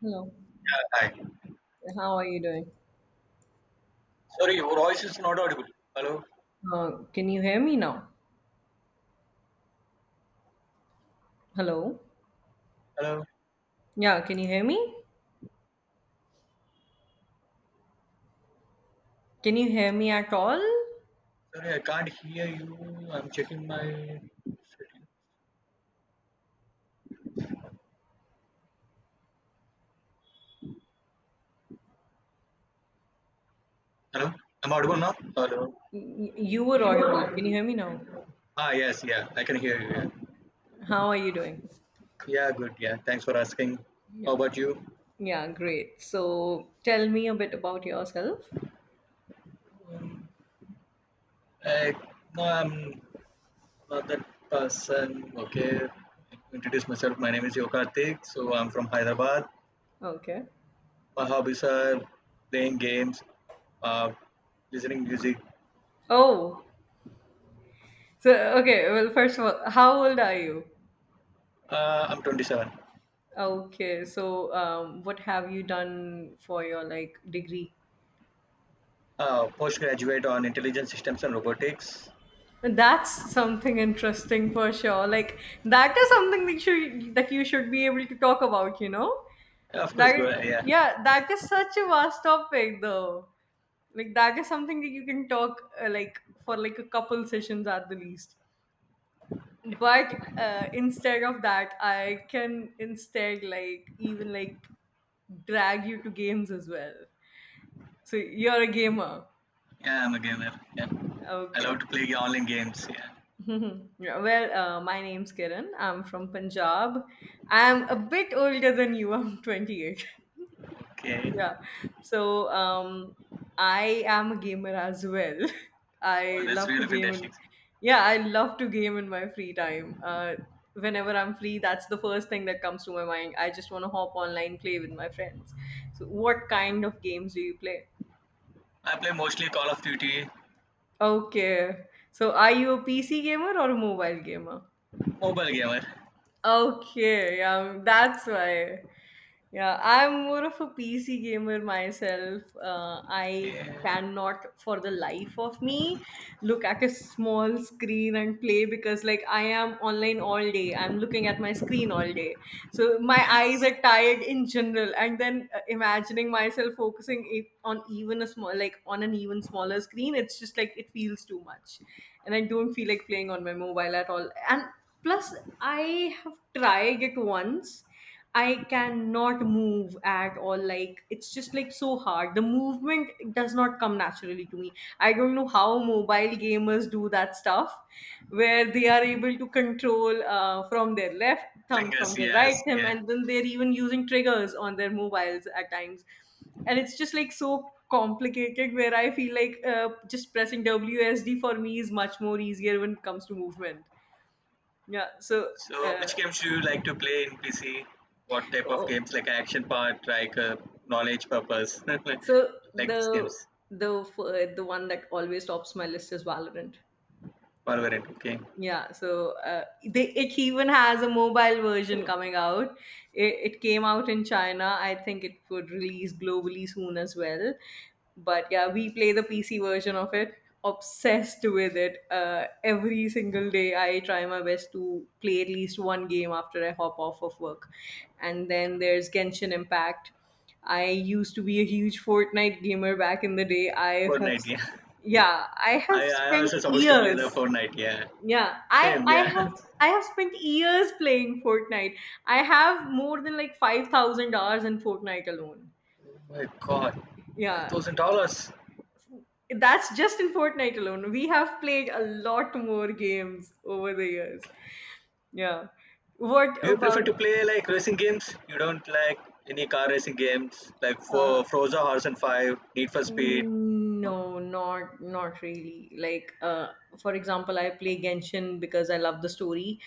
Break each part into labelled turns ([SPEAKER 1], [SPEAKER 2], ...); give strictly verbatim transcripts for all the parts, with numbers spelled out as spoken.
[SPEAKER 1] Hello.
[SPEAKER 2] Hi.
[SPEAKER 1] How are you doing?
[SPEAKER 2] Sorry, your voice is not audible. Hello?
[SPEAKER 1] Uh, can you hear me now? Hello?
[SPEAKER 2] Hello?
[SPEAKER 1] Yeah, can you hear me? Can you hear me at all?
[SPEAKER 2] Sorry, I can't hear you. I'm checking my. Hello? I'm audible now? Hello?
[SPEAKER 1] Y- y- You were audible. Can you hear me now?
[SPEAKER 2] Ah, yes, yeah. I can hear you. Yeah,
[SPEAKER 1] Okay. How are you doing?
[SPEAKER 2] yeah good. Yeah, thanks for asking. How
[SPEAKER 1] Yeah.
[SPEAKER 2] about you?
[SPEAKER 1] Yeah, great. So tell me a bit about yourself.
[SPEAKER 2] Um, I, no, I'm not that person. Okay. Introduce myself. My name is Yokartik. So I'm from Hyderabad.
[SPEAKER 1] Okay.
[SPEAKER 2] My hobbies are playing games, uh, listening music.
[SPEAKER 1] Oh, so okay. Well, first of all, how old are you?
[SPEAKER 2] Uh, I'm twenty-seven.
[SPEAKER 1] Okay, so um, what have you done for your like degree?
[SPEAKER 2] Uh, postgraduate on intelligent systems and robotics.
[SPEAKER 1] That's something interesting for sure. Like that is something that you that you should be able to talk about. You know
[SPEAKER 2] Yeah, of course,
[SPEAKER 1] that
[SPEAKER 2] go. Yeah,
[SPEAKER 1] yeah, that is such a vast topic though. Like that is something that you can talk uh, like for like a couple sessions at the least. But uh, instead of that, I can instead like even like drag you to games as well. So you're a gamer.
[SPEAKER 2] yeah, I'm a gamer. Yeah, I love
[SPEAKER 1] Okay.
[SPEAKER 2] to play online games. Yeah.
[SPEAKER 1] Yeah, well, uh, my name's Kiran. I'm from Punjab. I'm a bit older than you. I'm twenty-eight.
[SPEAKER 2] Okay.
[SPEAKER 1] Yeah. So um, I am a gamer as well.
[SPEAKER 2] Oh,
[SPEAKER 1] I
[SPEAKER 2] that's
[SPEAKER 1] love to
[SPEAKER 2] really
[SPEAKER 1] game
[SPEAKER 2] fantastic.
[SPEAKER 1] and yeah, I love to game in my free time. Uh, whenever I'm free, that's the first thing that comes to my mind. I just want to hop online, play with my friends. So, what kind of games do you play?
[SPEAKER 2] I play mostly Call of Duty,
[SPEAKER 1] Okay. So, are you a P C gamer or a mobile gamer?
[SPEAKER 2] mobile gamer.
[SPEAKER 1] Okay, yeah, that's why. Yeah, I'm more of a P C gamer myself. Uh, I
[SPEAKER 2] Okay.
[SPEAKER 1] cannot, for the life of me, look at a small screen and play because, like, I am online all day. I'm looking at my screen all day. So my
[SPEAKER 2] Yes.
[SPEAKER 1] eyes are tired in general. And then uh, imagining myself focusing it on even a small, like, on an even smaller screen, it's just like it feels too much and I don't feel like playing on my mobile at all. And plus, I have tried it once. I cannot move at all. Like, it's just like so hard. The movement does not come naturally to me. I don't know how mobile gamers do that stuff where they are able to control uh, from their left thumb, from
[SPEAKER 2] Fingers.
[SPEAKER 1] their right
[SPEAKER 2] Yes.
[SPEAKER 1] thumb,
[SPEAKER 2] Yeah.
[SPEAKER 1] and then they're even using triggers on their mobiles at times, and it's just like so complicated where I feel like uh, just pressing W S D for me is much more easier when it comes to movement, yeah, so
[SPEAKER 2] So,
[SPEAKER 1] uh,
[SPEAKER 2] which games do you like to play in P C? What type of
[SPEAKER 1] oh,
[SPEAKER 2] games? Like action part, like uh, knowledge purpose, like
[SPEAKER 1] so the
[SPEAKER 2] these games.
[SPEAKER 1] the f- uh, the one that always tops my list is Valorant.
[SPEAKER 2] Valorant. Okay.
[SPEAKER 1] Yeah, so uh, they, it even has a mobile version coming out. It, it came out in China. I think it would release globally soon as well. But yeah, we play the P C version of it. Obsessed with it. Uh, every single day, I try my best to play at least one game after I hop off of work. And then there's Genshin Impact. I used to be a huge Fortnite gamer back in the day. I have,
[SPEAKER 2] Fortnite. Yeah.
[SPEAKER 1] yeah, I have
[SPEAKER 2] I I
[SPEAKER 1] spent
[SPEAKER 2] also supposed to play the
[SPEAKER 1] years
[SPEAKER 2] Fortnite. Yeah.
[SPEAKER 1] yeah, I
[SPEAKER 2] Same,
[SPEAKER 1] I
[SPEAKER 2] yeah.
[SPEAKER 1] have I have spent years playing Fortnite. I have more than like five thousand hours in Fortnite alone.
[SPEAKER 2] Oh my God, five
[SPEAKER 1] Yeah,
[SPEAKER 2] thousand dollars.
[SPEAKER 1] that's just in Fortnite alone. We have played a lot more games over the years. Yeah. What
[SPEAKER 2] Do you prefer
[SPEAKER 1] about
[SPEAKER 2] to play like racing games? You don't like any car racing games like
[SPEAKER 1] uh
[SPEAKER 2] for Forza Horizon Five, Need for Speed.
[SPEAKER 1] Mm,
[SPEAKER 2] No.
[SPEAKER 1] no, not not really. Like, uh, for example, I play Genshin because I love the story.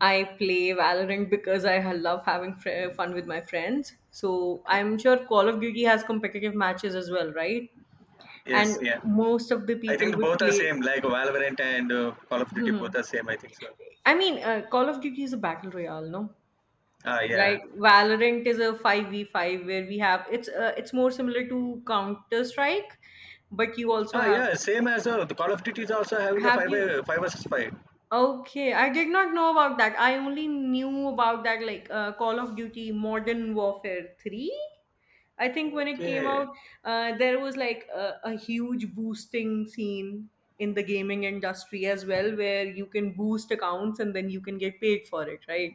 [SPEAKER 1] I play Valorant because I ha- love having fr- fun with my friends. So
[SPEAKER 2] Okay.
[SPEAKER 1] I'm sure Call of Duty has competitive matches as well, right?
[SPEAKER 2] Yes,
[SPEAKER 1] And
[SPEAKER 2] yeah.
[SPEAKER 1] most of the
[SPEAKER 2] I think
[SPEAKER 1] people
[SPEAKER 2] the
[SPEAKER 1] would
[SPEAKER 2] both are same.
[SPEAKER 1] play.
[SPEAKER 2] Like Valorant and uh, Call of Duty, both
[SPEAKER 1] Mhm.
[SPEAKER 2] are same. I think so.
[SPEAKER 1] I mean, uh, Call of Duty is a battle royale, no?
[SPEAKER 2] Ah, yeah.
[SPEAKER 1] Right? Valorant is a five v five where we have it's uh, it's more similar to Counter Strike, but you also
[SPEAKER 2] Ah,
[SPEAKER 1] have
[SPEAKER 2] yeah. Same as uh, the Call of Duty is also having the
[SPEAKER 1] have
[SPEAKER 2] five
[SPEAKER 1] you
[SPEAKER 2] uh, five versus five.
[SPEAKER 1] okay, I did not know about that. I only knew about that like uh, Call of Duty Modern Warfare three. I think when it came
[SPEAKER 2] Okay.
[SPEAKER 1] out, uh, there was like a, a huge boosting scene in the gaming industry as well, where you can boost accounts and then you can get paid for it, right?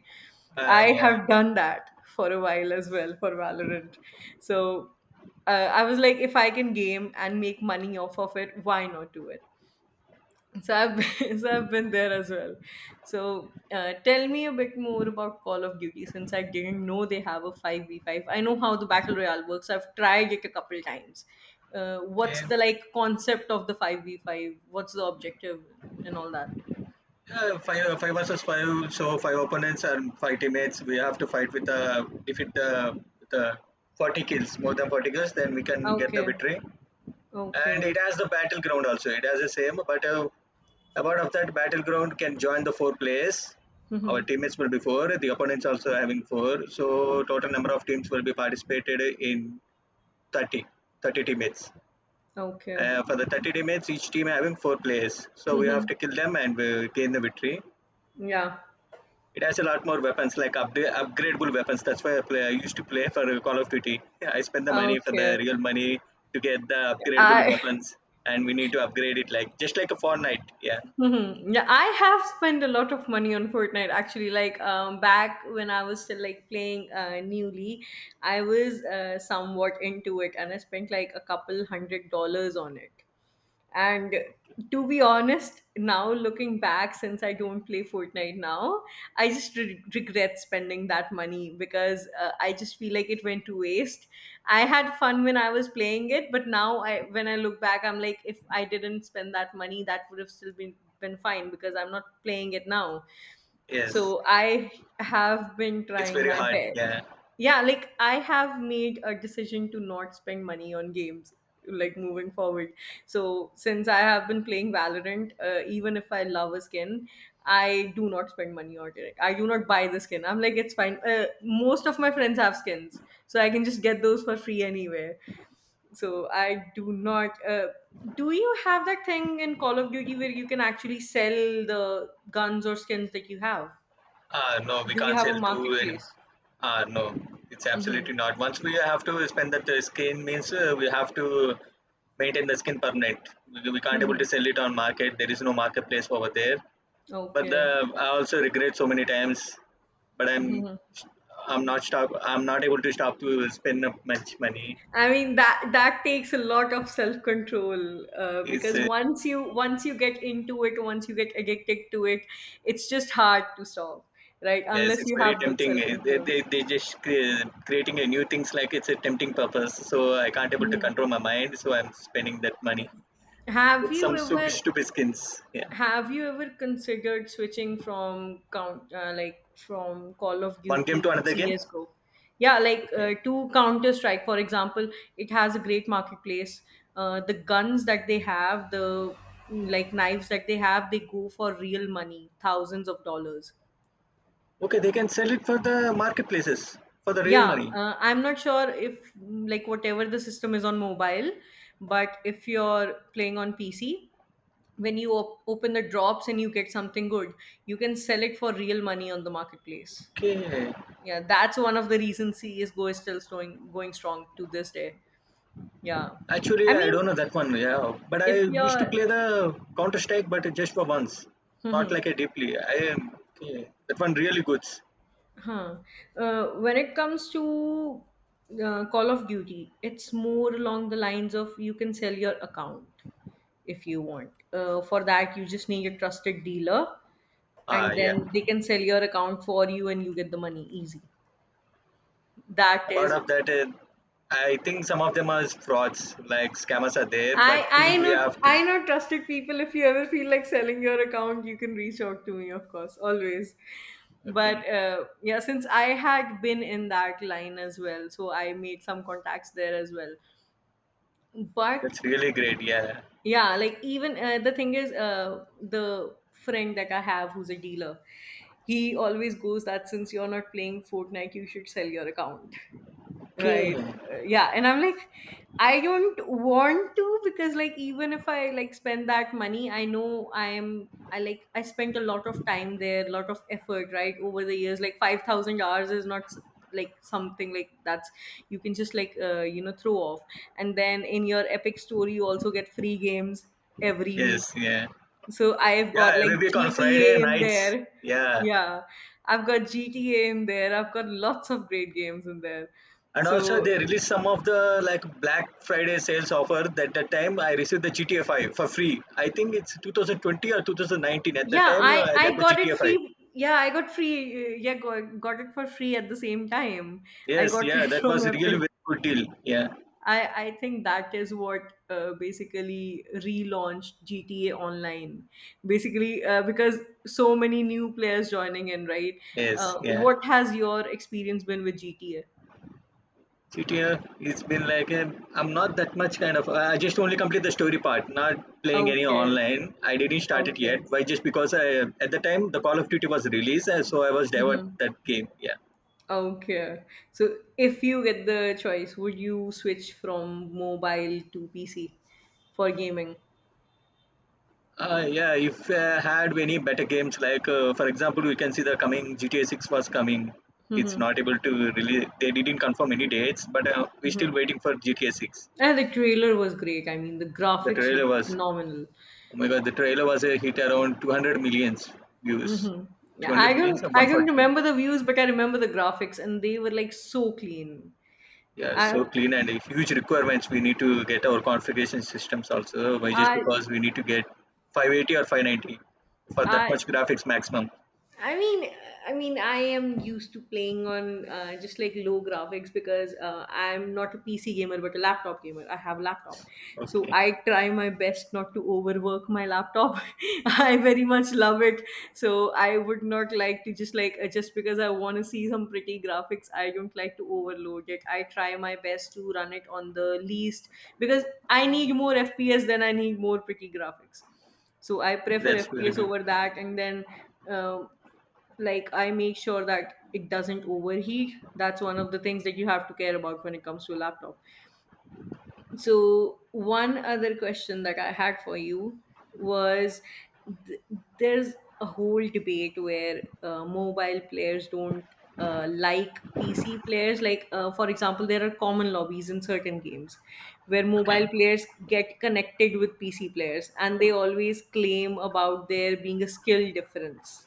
[SPEAKER 2] Ah,
[SPEAKER 1] I
[SPEAKER 2] yeah.
[SPEAKER 1] have done that for a while as well for Valorant. So uh, I was like, if I can game and make money off of it, why not do it? So I've been, so I've been there as well. So uh, tell me a bit more about Call of Duty since I didn't know they have a five v five. I know how the battle royale works. I've tried it a couple times. Uh, what's
[SPEAKER 2] Okay.
[SPEAKER 1] the like concept of the five v five? What's the objective and all that?
[SPEAKER 2] Yeah, five, uh, five versus five. So five opponents and five teammates. We have to fight with the defeat the with the forty kills, more than forty kills. Then we can get the
[SPEAKER 1] Okay.
[SPEAKER 2] victory. And
[SPEAKER 1] Okay.
[SPEAKER 2] it has the battleground also. It has the same, but uh, about of that battleground can join the four players. Our
[SPEAKER 1] Mm-hmm.
[SPEAKER 2] teammates will be four. The opponents also having four. So total number of teams will be participated in thirty, thirty teammates.
[SPEAKER 1] Okay.
[SPEAKER 2] Uh, for the thirty teammates, each team having four players. So we
[SPEAKER 1] Mm-hmm.
[SPEAKER 2] have to kill them and we gain the victory.
[SPEAKER 1] Yeah.
[SPEAKER 2] It has a lot more weapons, like upda- upgradable weapons. That's why I, play, I used to play for Call of Duty. Yeah, I spend the money for the
[SPEAKER 1] Okay.
[SPEAKER 2] real money to get the upgradable
[SPEAKER 1] I
[SPEAKER 2] weapons, and we need to upgrade it, like just like a Fortnite. Yeah,
[SPEAKER 1] mm-hmm. Yeah, I have spent a lot of money on Fortnite actually. Like um, back when I was still like playing uh, newly, I was uh, somewhat into it, and I spent like a couple hundred dollars on it. And to be honest, now looking back, since I don't play Fortnite now, I just re- regret spending that money because uh, I just feel like it went to waste. I had fun when I was playing it, but now I when I look back, I'm like, if I didn't spend that money, that would have still been been fine because I'm not playing it now.
[SPEAKER 2] yes,
[SPEAKER 1] So I have been
[SPEAKER 2] it's
[SPEAKER 1] trying
[SPEAKER 2] very
[SPEAKER 1] my
[SPEAKER 2] hard.
[SPEAKER 1] best.
[SPEAKER 2] Yeah,
[SPEAKER 1] Yeah, like I have made a decision to not spend money on games like moving forward. So since I have been playing Valorant, uh, even if I love a skin, I do not spend money on it. I do not buy the skin. I'm like it's fine. Uh, most of my friends have skins, so I can just get those for free anywhere. So I do not. Uh, do you have that thing in Call of Duty where you can actually sell the guns or skins that you have?
[SPEAKER 2] uh, no, we
[SPEAKER 1] Do you
[SPEAKER 2] can't
[SPEAKER 1] have
[SPEAKER 2] sell
[SPEAKER 1] a
[SPEAKER 2] to any.
[SPEAKER 1] marketplace?
[SPEAKER 2] Uh, no, it's
[SPEAKER 1] Mm-hmm.
[SPEAKER 2] absolutely not. Once we have to spend that uh, skin, means uh, we have to maintain the skin permanent. We we can't able
[SPEAKER 1] Mm-hmm.
[SPEAKER 2] to sell it on market. There is no marketplace over there. But the
[SPEAKER 1] Okay.
[SPEAKER 2] I also regret so many times. But I'm I'm not stop. I'm not able to stop to spend up much money.
[SPEAKER 1] I mean that that takes a lot of self control uh,
[SPEAKER 2] It's
[SPEAKER 1] because
[SPEAKER 2] uh,
[SPEAKER 1] once you once you get into it, once you get addicted to it, it's just hard to stop, right?
[SPEAKER 2] Yes,
[SPEAKER 1] Unless
[SPEAKER 2] it's
[SPEAKER 1] you
[SPEAKER 2] very
[SPEAKER 1] have good
[SPEAKER 2] tempting.
[SPEAKER 1] self
[SPEAKER 2] Uh, They
[SPEAKER 1] control.
[SPEAKER 2] they they just cre- creating a new things like it's a tempting purpose. So I can't able to
[SPEAKER 1] Mhm.
[SPEAKER 2] control my mind. So I'm spending that money
[SPEAKER 1] Have
[SPEAKER 2] with
[SPEAKER 1] you
[SPEAKER 2] some stupid
[SPEAKER 1] ever
[SPEAKER 2] stupid skins. Yeah,
[SPEAKER 1] Have you ever considered switching from count uh, like from Call of
[SPEAKER 2] one game to
[SPEAKER 1] Duty to
[SPEAKER 2] another game.
[SPEAKER 1] C S:G O? Yeah, like
[SPEAKER 2] Okay,
[SPEAKER 1] uh, to Counter Strike, for example, it has a great marketplace. Uh, the guns that they have, the mm, like knives that they have, they go for real money, thousands of dollars.
[SPEAKER 2] okay, they can sell it for the marketplaces for the real
[SPEAKER 1] Yeah,
[SPEAKER 2] money.
[SPEAKER 1] uh, I'm not sure if mm, like whatever the system is on mobile, but if you're playing on P C, when you op- open the drops and you get something good, you can sell it for real money on the marketplace.
[SPEAKER 2] Okay,
[SPEAKER 1] Yeah, that's one of the reasons CS:GO is still going going strong to this day, yeah.
[SPEAKER 2] actually,
[SPEAKER 1] I
[SPEAKER 2] I
[SPEAKER 1] mean,
[SPEAKER 2] don't know that one. Yeah, but I
[SPEAKER 1] if
[SPEAKER 2] used to
[SPEAKER 1] you're
[SPEAKER 2] play the Counter Strike, but just for once, not like
[SPEAKER 1] mhm.
[SPEAKER 2] a deeply. I am okay. That one really good.
[SPEAKER 1] Huh. Uh, when it comes to uh, Call of Duty, it's more along the lines of you can sell your account if you want. Uh, for that, you just need a trusted dealer,
[SPEAKER 2] Ah,
[SPEAKER 1] and
[SPEAKER 2] yeah.
[SPEAKER 1] then they can sell your account for you, and you get the money easy. That
[SPEAKER 2] Part
[SPEAKER 1] is
[SPEAKER 2] of that, uh, I think some of them are frauds, like scammers are there, but
[SPEAKER 1] I
[SPEAKER 2] still
[SPEAKER 1] I
[SPEAKER 2] we
[SPEAKER 1] not
[SPEAKER 2] have
[SPEAKER 1] I
[SPEAKER 2] to.
[SPEAKER 1] not trusted people. If you ever feel like selling your account, you can reach out to me, of course, always.
[SPEAKER 2] Okay,
[SPEAKER 1] But uh, yeah, since I had been in that line as well, so I made some contacts there as well. But
[SPEAKER 2] that's really great. Yeah.
[SPEAKER 1] yeah, like even uh, the thing is, uh, the friend that I have who's a dealer, he always goes that since you're not playing Fortnite, you should sell your account, right?
[SPEAKER 2] Okay.
[SPEAKER 1] Uh, yeah, and I'm like, I don't want to because like even if I like spend that money, I know I'm I like I spent a lot of time there, a lot of effort, right? Over the years, like five thousand hours is not s- like something like that's you can just like uh, you know throw off. And then in your Epic store you also get free games every week,
[SPEAKER 2] Yes. Yeah.
[SPEAKER 1] so I've got
[SPEAKER 2] Yeah. We
[SPEAKER 1] like
[SPEAKER 2] week on Friday
[SPEAKER 1] GTA in
[SPEAKER 2] nights.
[SPEAKER 1] there.
[SPEAKER 2] Yeah.
[SPEAKER 1] Yeah, I've got GTA in there, I've got lots of great games in there,
[SPEAKER 2] And also
[SPEAKER 1] so
[SPEAKER 2] they released some of the like Black Friday sales offer that the time I received the GTA five for free. I think it's twenty twenty or two thousand nineteen at the
[SPEAKER 1] yeah.
[SPEAKER 2] time.
[SPEAKER 1] I
[SPEAKER 2] uh, I got
[SPEAKER 1] I
[SPEAKER 2] the
[SPEAKER 1] got it
[SPEAKER 2] GTA five.
[SPEAKER 1] free Yeah, I got free, uh, yeah got, got it for free at the same time. I
[SPEAKER 2] Yes,
[SPEAKER 1] got it
[SPEAKER 2] yeah, that was
[SPEAKER 1] from
[SPEAKER 2] really
[SPEAKER 1] Epic.
[SPEAKER 2] very good deal. Yeah.
[SPEAKER 1] I i think that is what uh, basically relaunched GTA online. Basically uh, because so many new players joining in, right?
[SPEAKER 2] Yes,
[SPEAKER 1] Uh,
[SPEAKER 2] yeah.
[SPEAKER 1] what has your experience been with GTA?
[SPEAKER 2] GTA, it's been like a. Am not that much kind of, I just only complete the story part, not playing any
[SPEAKER 1] Okay.
[SPEAKER 2] online. I didn't start it
[SPEAKER 1] Okay.
[SPEAKER 2] yet. Why? Just because I at the time the Call of Duty was released, and so I was devoured
[SPEAKER 1] Hmm.
[SPEAKER 2] that game. Yeah.
[SPEAKER 1] Okay. So if you get the choice, would you switch from mobile to PC for gaming?
[SPEAKER 2] Uh, yeah, if uh, had any better games, like uh, for example, we can see the coming G T A six was coming. It's
[SPEAKER 1] Hmm.
[SPEAKER 2] not able to really, they didn't confirm any dates, but uh, we're
[SPEAKER 1] Hmm.
[SPEAKER 2] still waiting for G T A six.
[SPEAKER 1] And the trailer was great. I mean, the
[SPEAKER 2] The
[SPEAKER 1] graphics
[SPEAKER 2] trailer
[SPEAKER 1] look
[SPEAKER 2] was,
[SPEAKER 1] phenomenal.
[SPEAKER 2] oh my God, the trailer was a hit around two hundred millions views.
[SPEAKER 1] Hmm. Yeah, I
[SPEAKER 2] two hundred millions
[SPEAKER 1] don't,
[SPEAKER 2] and
[SPEAKER 1] I don't
[SPEAKER 2] one forty.
[SPEAKER 1] remember the views, but I remember the graphics, and they were like so clean.
[SPEAKER 2] Yeah, so
[SPEAKER 1] I,
[SPEAKER 2] clean and huge requirements. We need to get our configuration systems also, why just
[SPEAKER 1] I,
[SPEAKER 2] because we need to get five eighty or five ninety for that
[SPEAKER 1] I.
[SPEAKER 2] much graphics maximum.
[SPEAKER 1] I mean, I mean, I am used to playing on uh, just like low graphics because uh, I'm not a P C gamer but a laptop gamer. I have a laptop, so
[SPEAKER 2] Okay,
[SPEAKER 1] I try my best not to overwork my laptop. I very much love it, so I would not like to just like uh, just because I want to see some pretty graphics. I don't like to overload it. I try my best to run it on the least because I need more F P S than I need more pretty graphics, so I prefer
[SPEAKER 2] that's really
[SPEAKER 1] FPS
[SPEAKER 2] good.
[SPEAKER 1] over that. And then um like I make sure that it doesn't overheat. That's one of the things that you have to care about when it comes to a laptop. So, one other question that I had for you was th- there's a whole debate where uh, mobile players don't uh, like P C players. Like, uh, for example, there are common lobbies in certain games where mobile players get connected with P C players and they always claim about there being a skill difference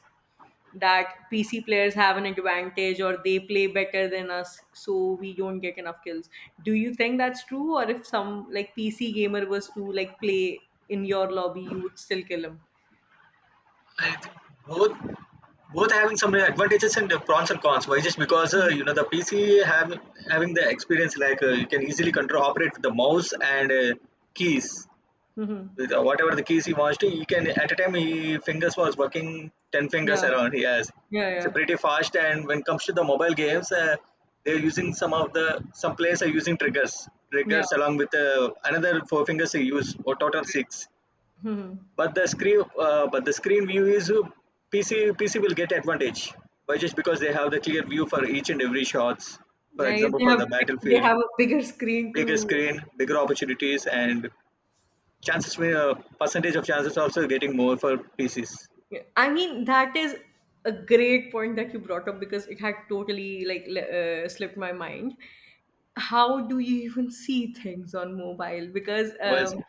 [SPEAKER 1] that P C players have an advantage or they play better than us, so we don't get enough kills. Do you think that's true, or if some like P C gamer was to like play in your lobby, you would still kill him?
[SPEAKER 2] I think both both having some advantages and the pros and cons. Why just because uh,
[SPEAKER 1] Mhm.
[SPEAKER 2] you know the P C having having the experience like uh, you can easily control operate with the mouse and uh, keys
[SPEAKER 1] Mhm.
[SPEAKER 2] with uh, whatever the keys he wants to. He can at a time he fingers was working ten fingers
[SPEAKER 1] Yeah,
[SPEAKER 2] around. He has
[SPEAKER 1] yeah,
[SPEAKER 2] it's a
[SPEAKER 1] yeah,
[SPEAKER 2] pretty fast and when it comes to the mobile games, uh, they're using some of the some players are using triggers
[SPEAKER 1] yeah.
[SPEAKER 2] triggers along with uh, another four fingers they use or total six.
[SPEAKER 1] Mhm.
[SPEAKER 2] But the screen uh, but the screen view is uh, pc pc will get advantage by just because they have the clear view for each and every shots, for
[SPEAKER 1] Yeah,
[SPEAKER 2] example
[SPEAKER 1] they
[SPEAKER 2] for
[SPEAKER 1] have
[SPEAKER 2] the
[SPEAKER 1] big, they
[SPEAKER 2] battlefield,
[SPEAKER 1] have a bigger screen
[SPEAKER 2] bigger
[SPEAKER 1] to
[SPEAKER 2] screen bigger opportunities and chances may uh, percentage of chances also getting more for pcs
[SPEAKER 1] yeah, I mean, that is a great point that you brought up because it had totally like le- uh, slipped my mind. How do you even see things on mobile? Because
[SPEAKER 2] was
[SPEAKER 1] um,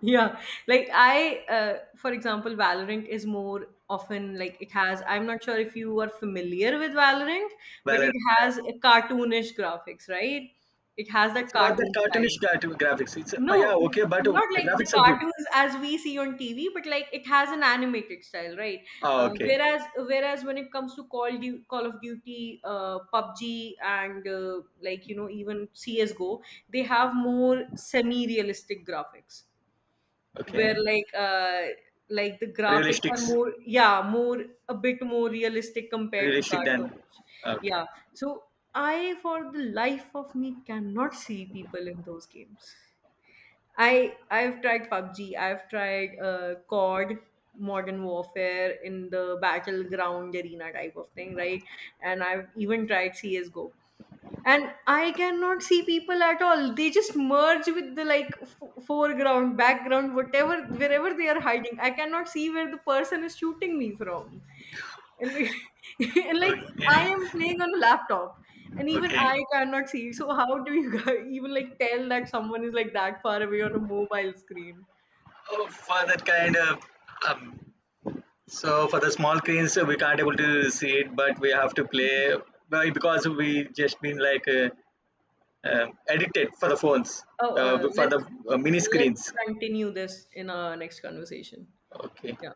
[SPEAKER 1] yeah, like I, uh, for example, Valorant is more often like it has. I'm not sure if you are familiar with Valorant, but
[SPEAKER 2] valid.
[SPEAKER 1] it has a cartoonish graphics, right? It has
[SPEAKER 2] It's
[SPEAKER 1] that
[SPEAKER 2] not that
[SPEAKER 1] cartoon
[SPEAKER 2] cartoonish
[SPEAKER 1] style.
[SPEAKER 2] gra- graphics. It's uh, yeah
[SPEAKER 1] No, n-
[SPEAKER 2] okay, but uh,
[SPEAKER 1] not
[SPEAKER 2] the
[SPEAKER 1] like the
[SPEAKER 2] graphics are good.
[SPEAKER 1] cartoons as we see on T V, but like it has an animated style, right?
[SPEAKER 2] Ah,
[SPEAKER 1] Uh,
[SPEAKER 2] okay.
[SPEAKER 1] whereas, whereas when it comes to Call du- Call of Duty, uh, PUBG, and uh, like you know even C S:G O, they have more semi-realistic graphics,
[SPEAKER 2] Okay.
[SPEAKER 1] where like uh, like the graphics are
[SPEAKER 2] realistics
[SPEAKER 1] more yeah more a bit more realistic compared to
[SPEAKER 2] Realistic then.
[SPEAKER 1] cartoons.
[SPEAKER 2] Okay.
[SPEAKER 1] Yeah, so I for the life of me cannot see people in those games. I I've tried PUBG. I've tried uh, C O D, Modern Warfare in the battleground arena type of thing, right? And I've even tried C S:G O, and I cannot see people at all. They just merge with the like f- foreground background, whatever wherever they are hiding, I cannot see where the person is shooting me from. And like, and like, I
[SPEAKER 2] Okay.
[SPEAKER 1] am playing on a laptop and even
[SPEAKER 2] Okay.
[SPEAKER 1] I cannot see, so how do you guys even like tell that someone is like that far away on a mobile screen?
[SPEAKER 2] Oh, for that kind of um, so for the small screens uh, we can't able to see it, but we have to play well, because we just been like uh, um addicted for the phones
[SPEAKER 1] Oh,
[SPEAKER 2] uh,
[SPEAKER 1] uh,
[SPEAKER 2] for the
[SPEAKER 1] let's
[SPEAKER 2] uh, mini
[SPEAKER 1] let's
[SPEAKER 2] screens.
[SPEAKER 1] continue this in our next conversation.
[SPEAKER 2] Okay.
[SPEAKER 1] Yeah.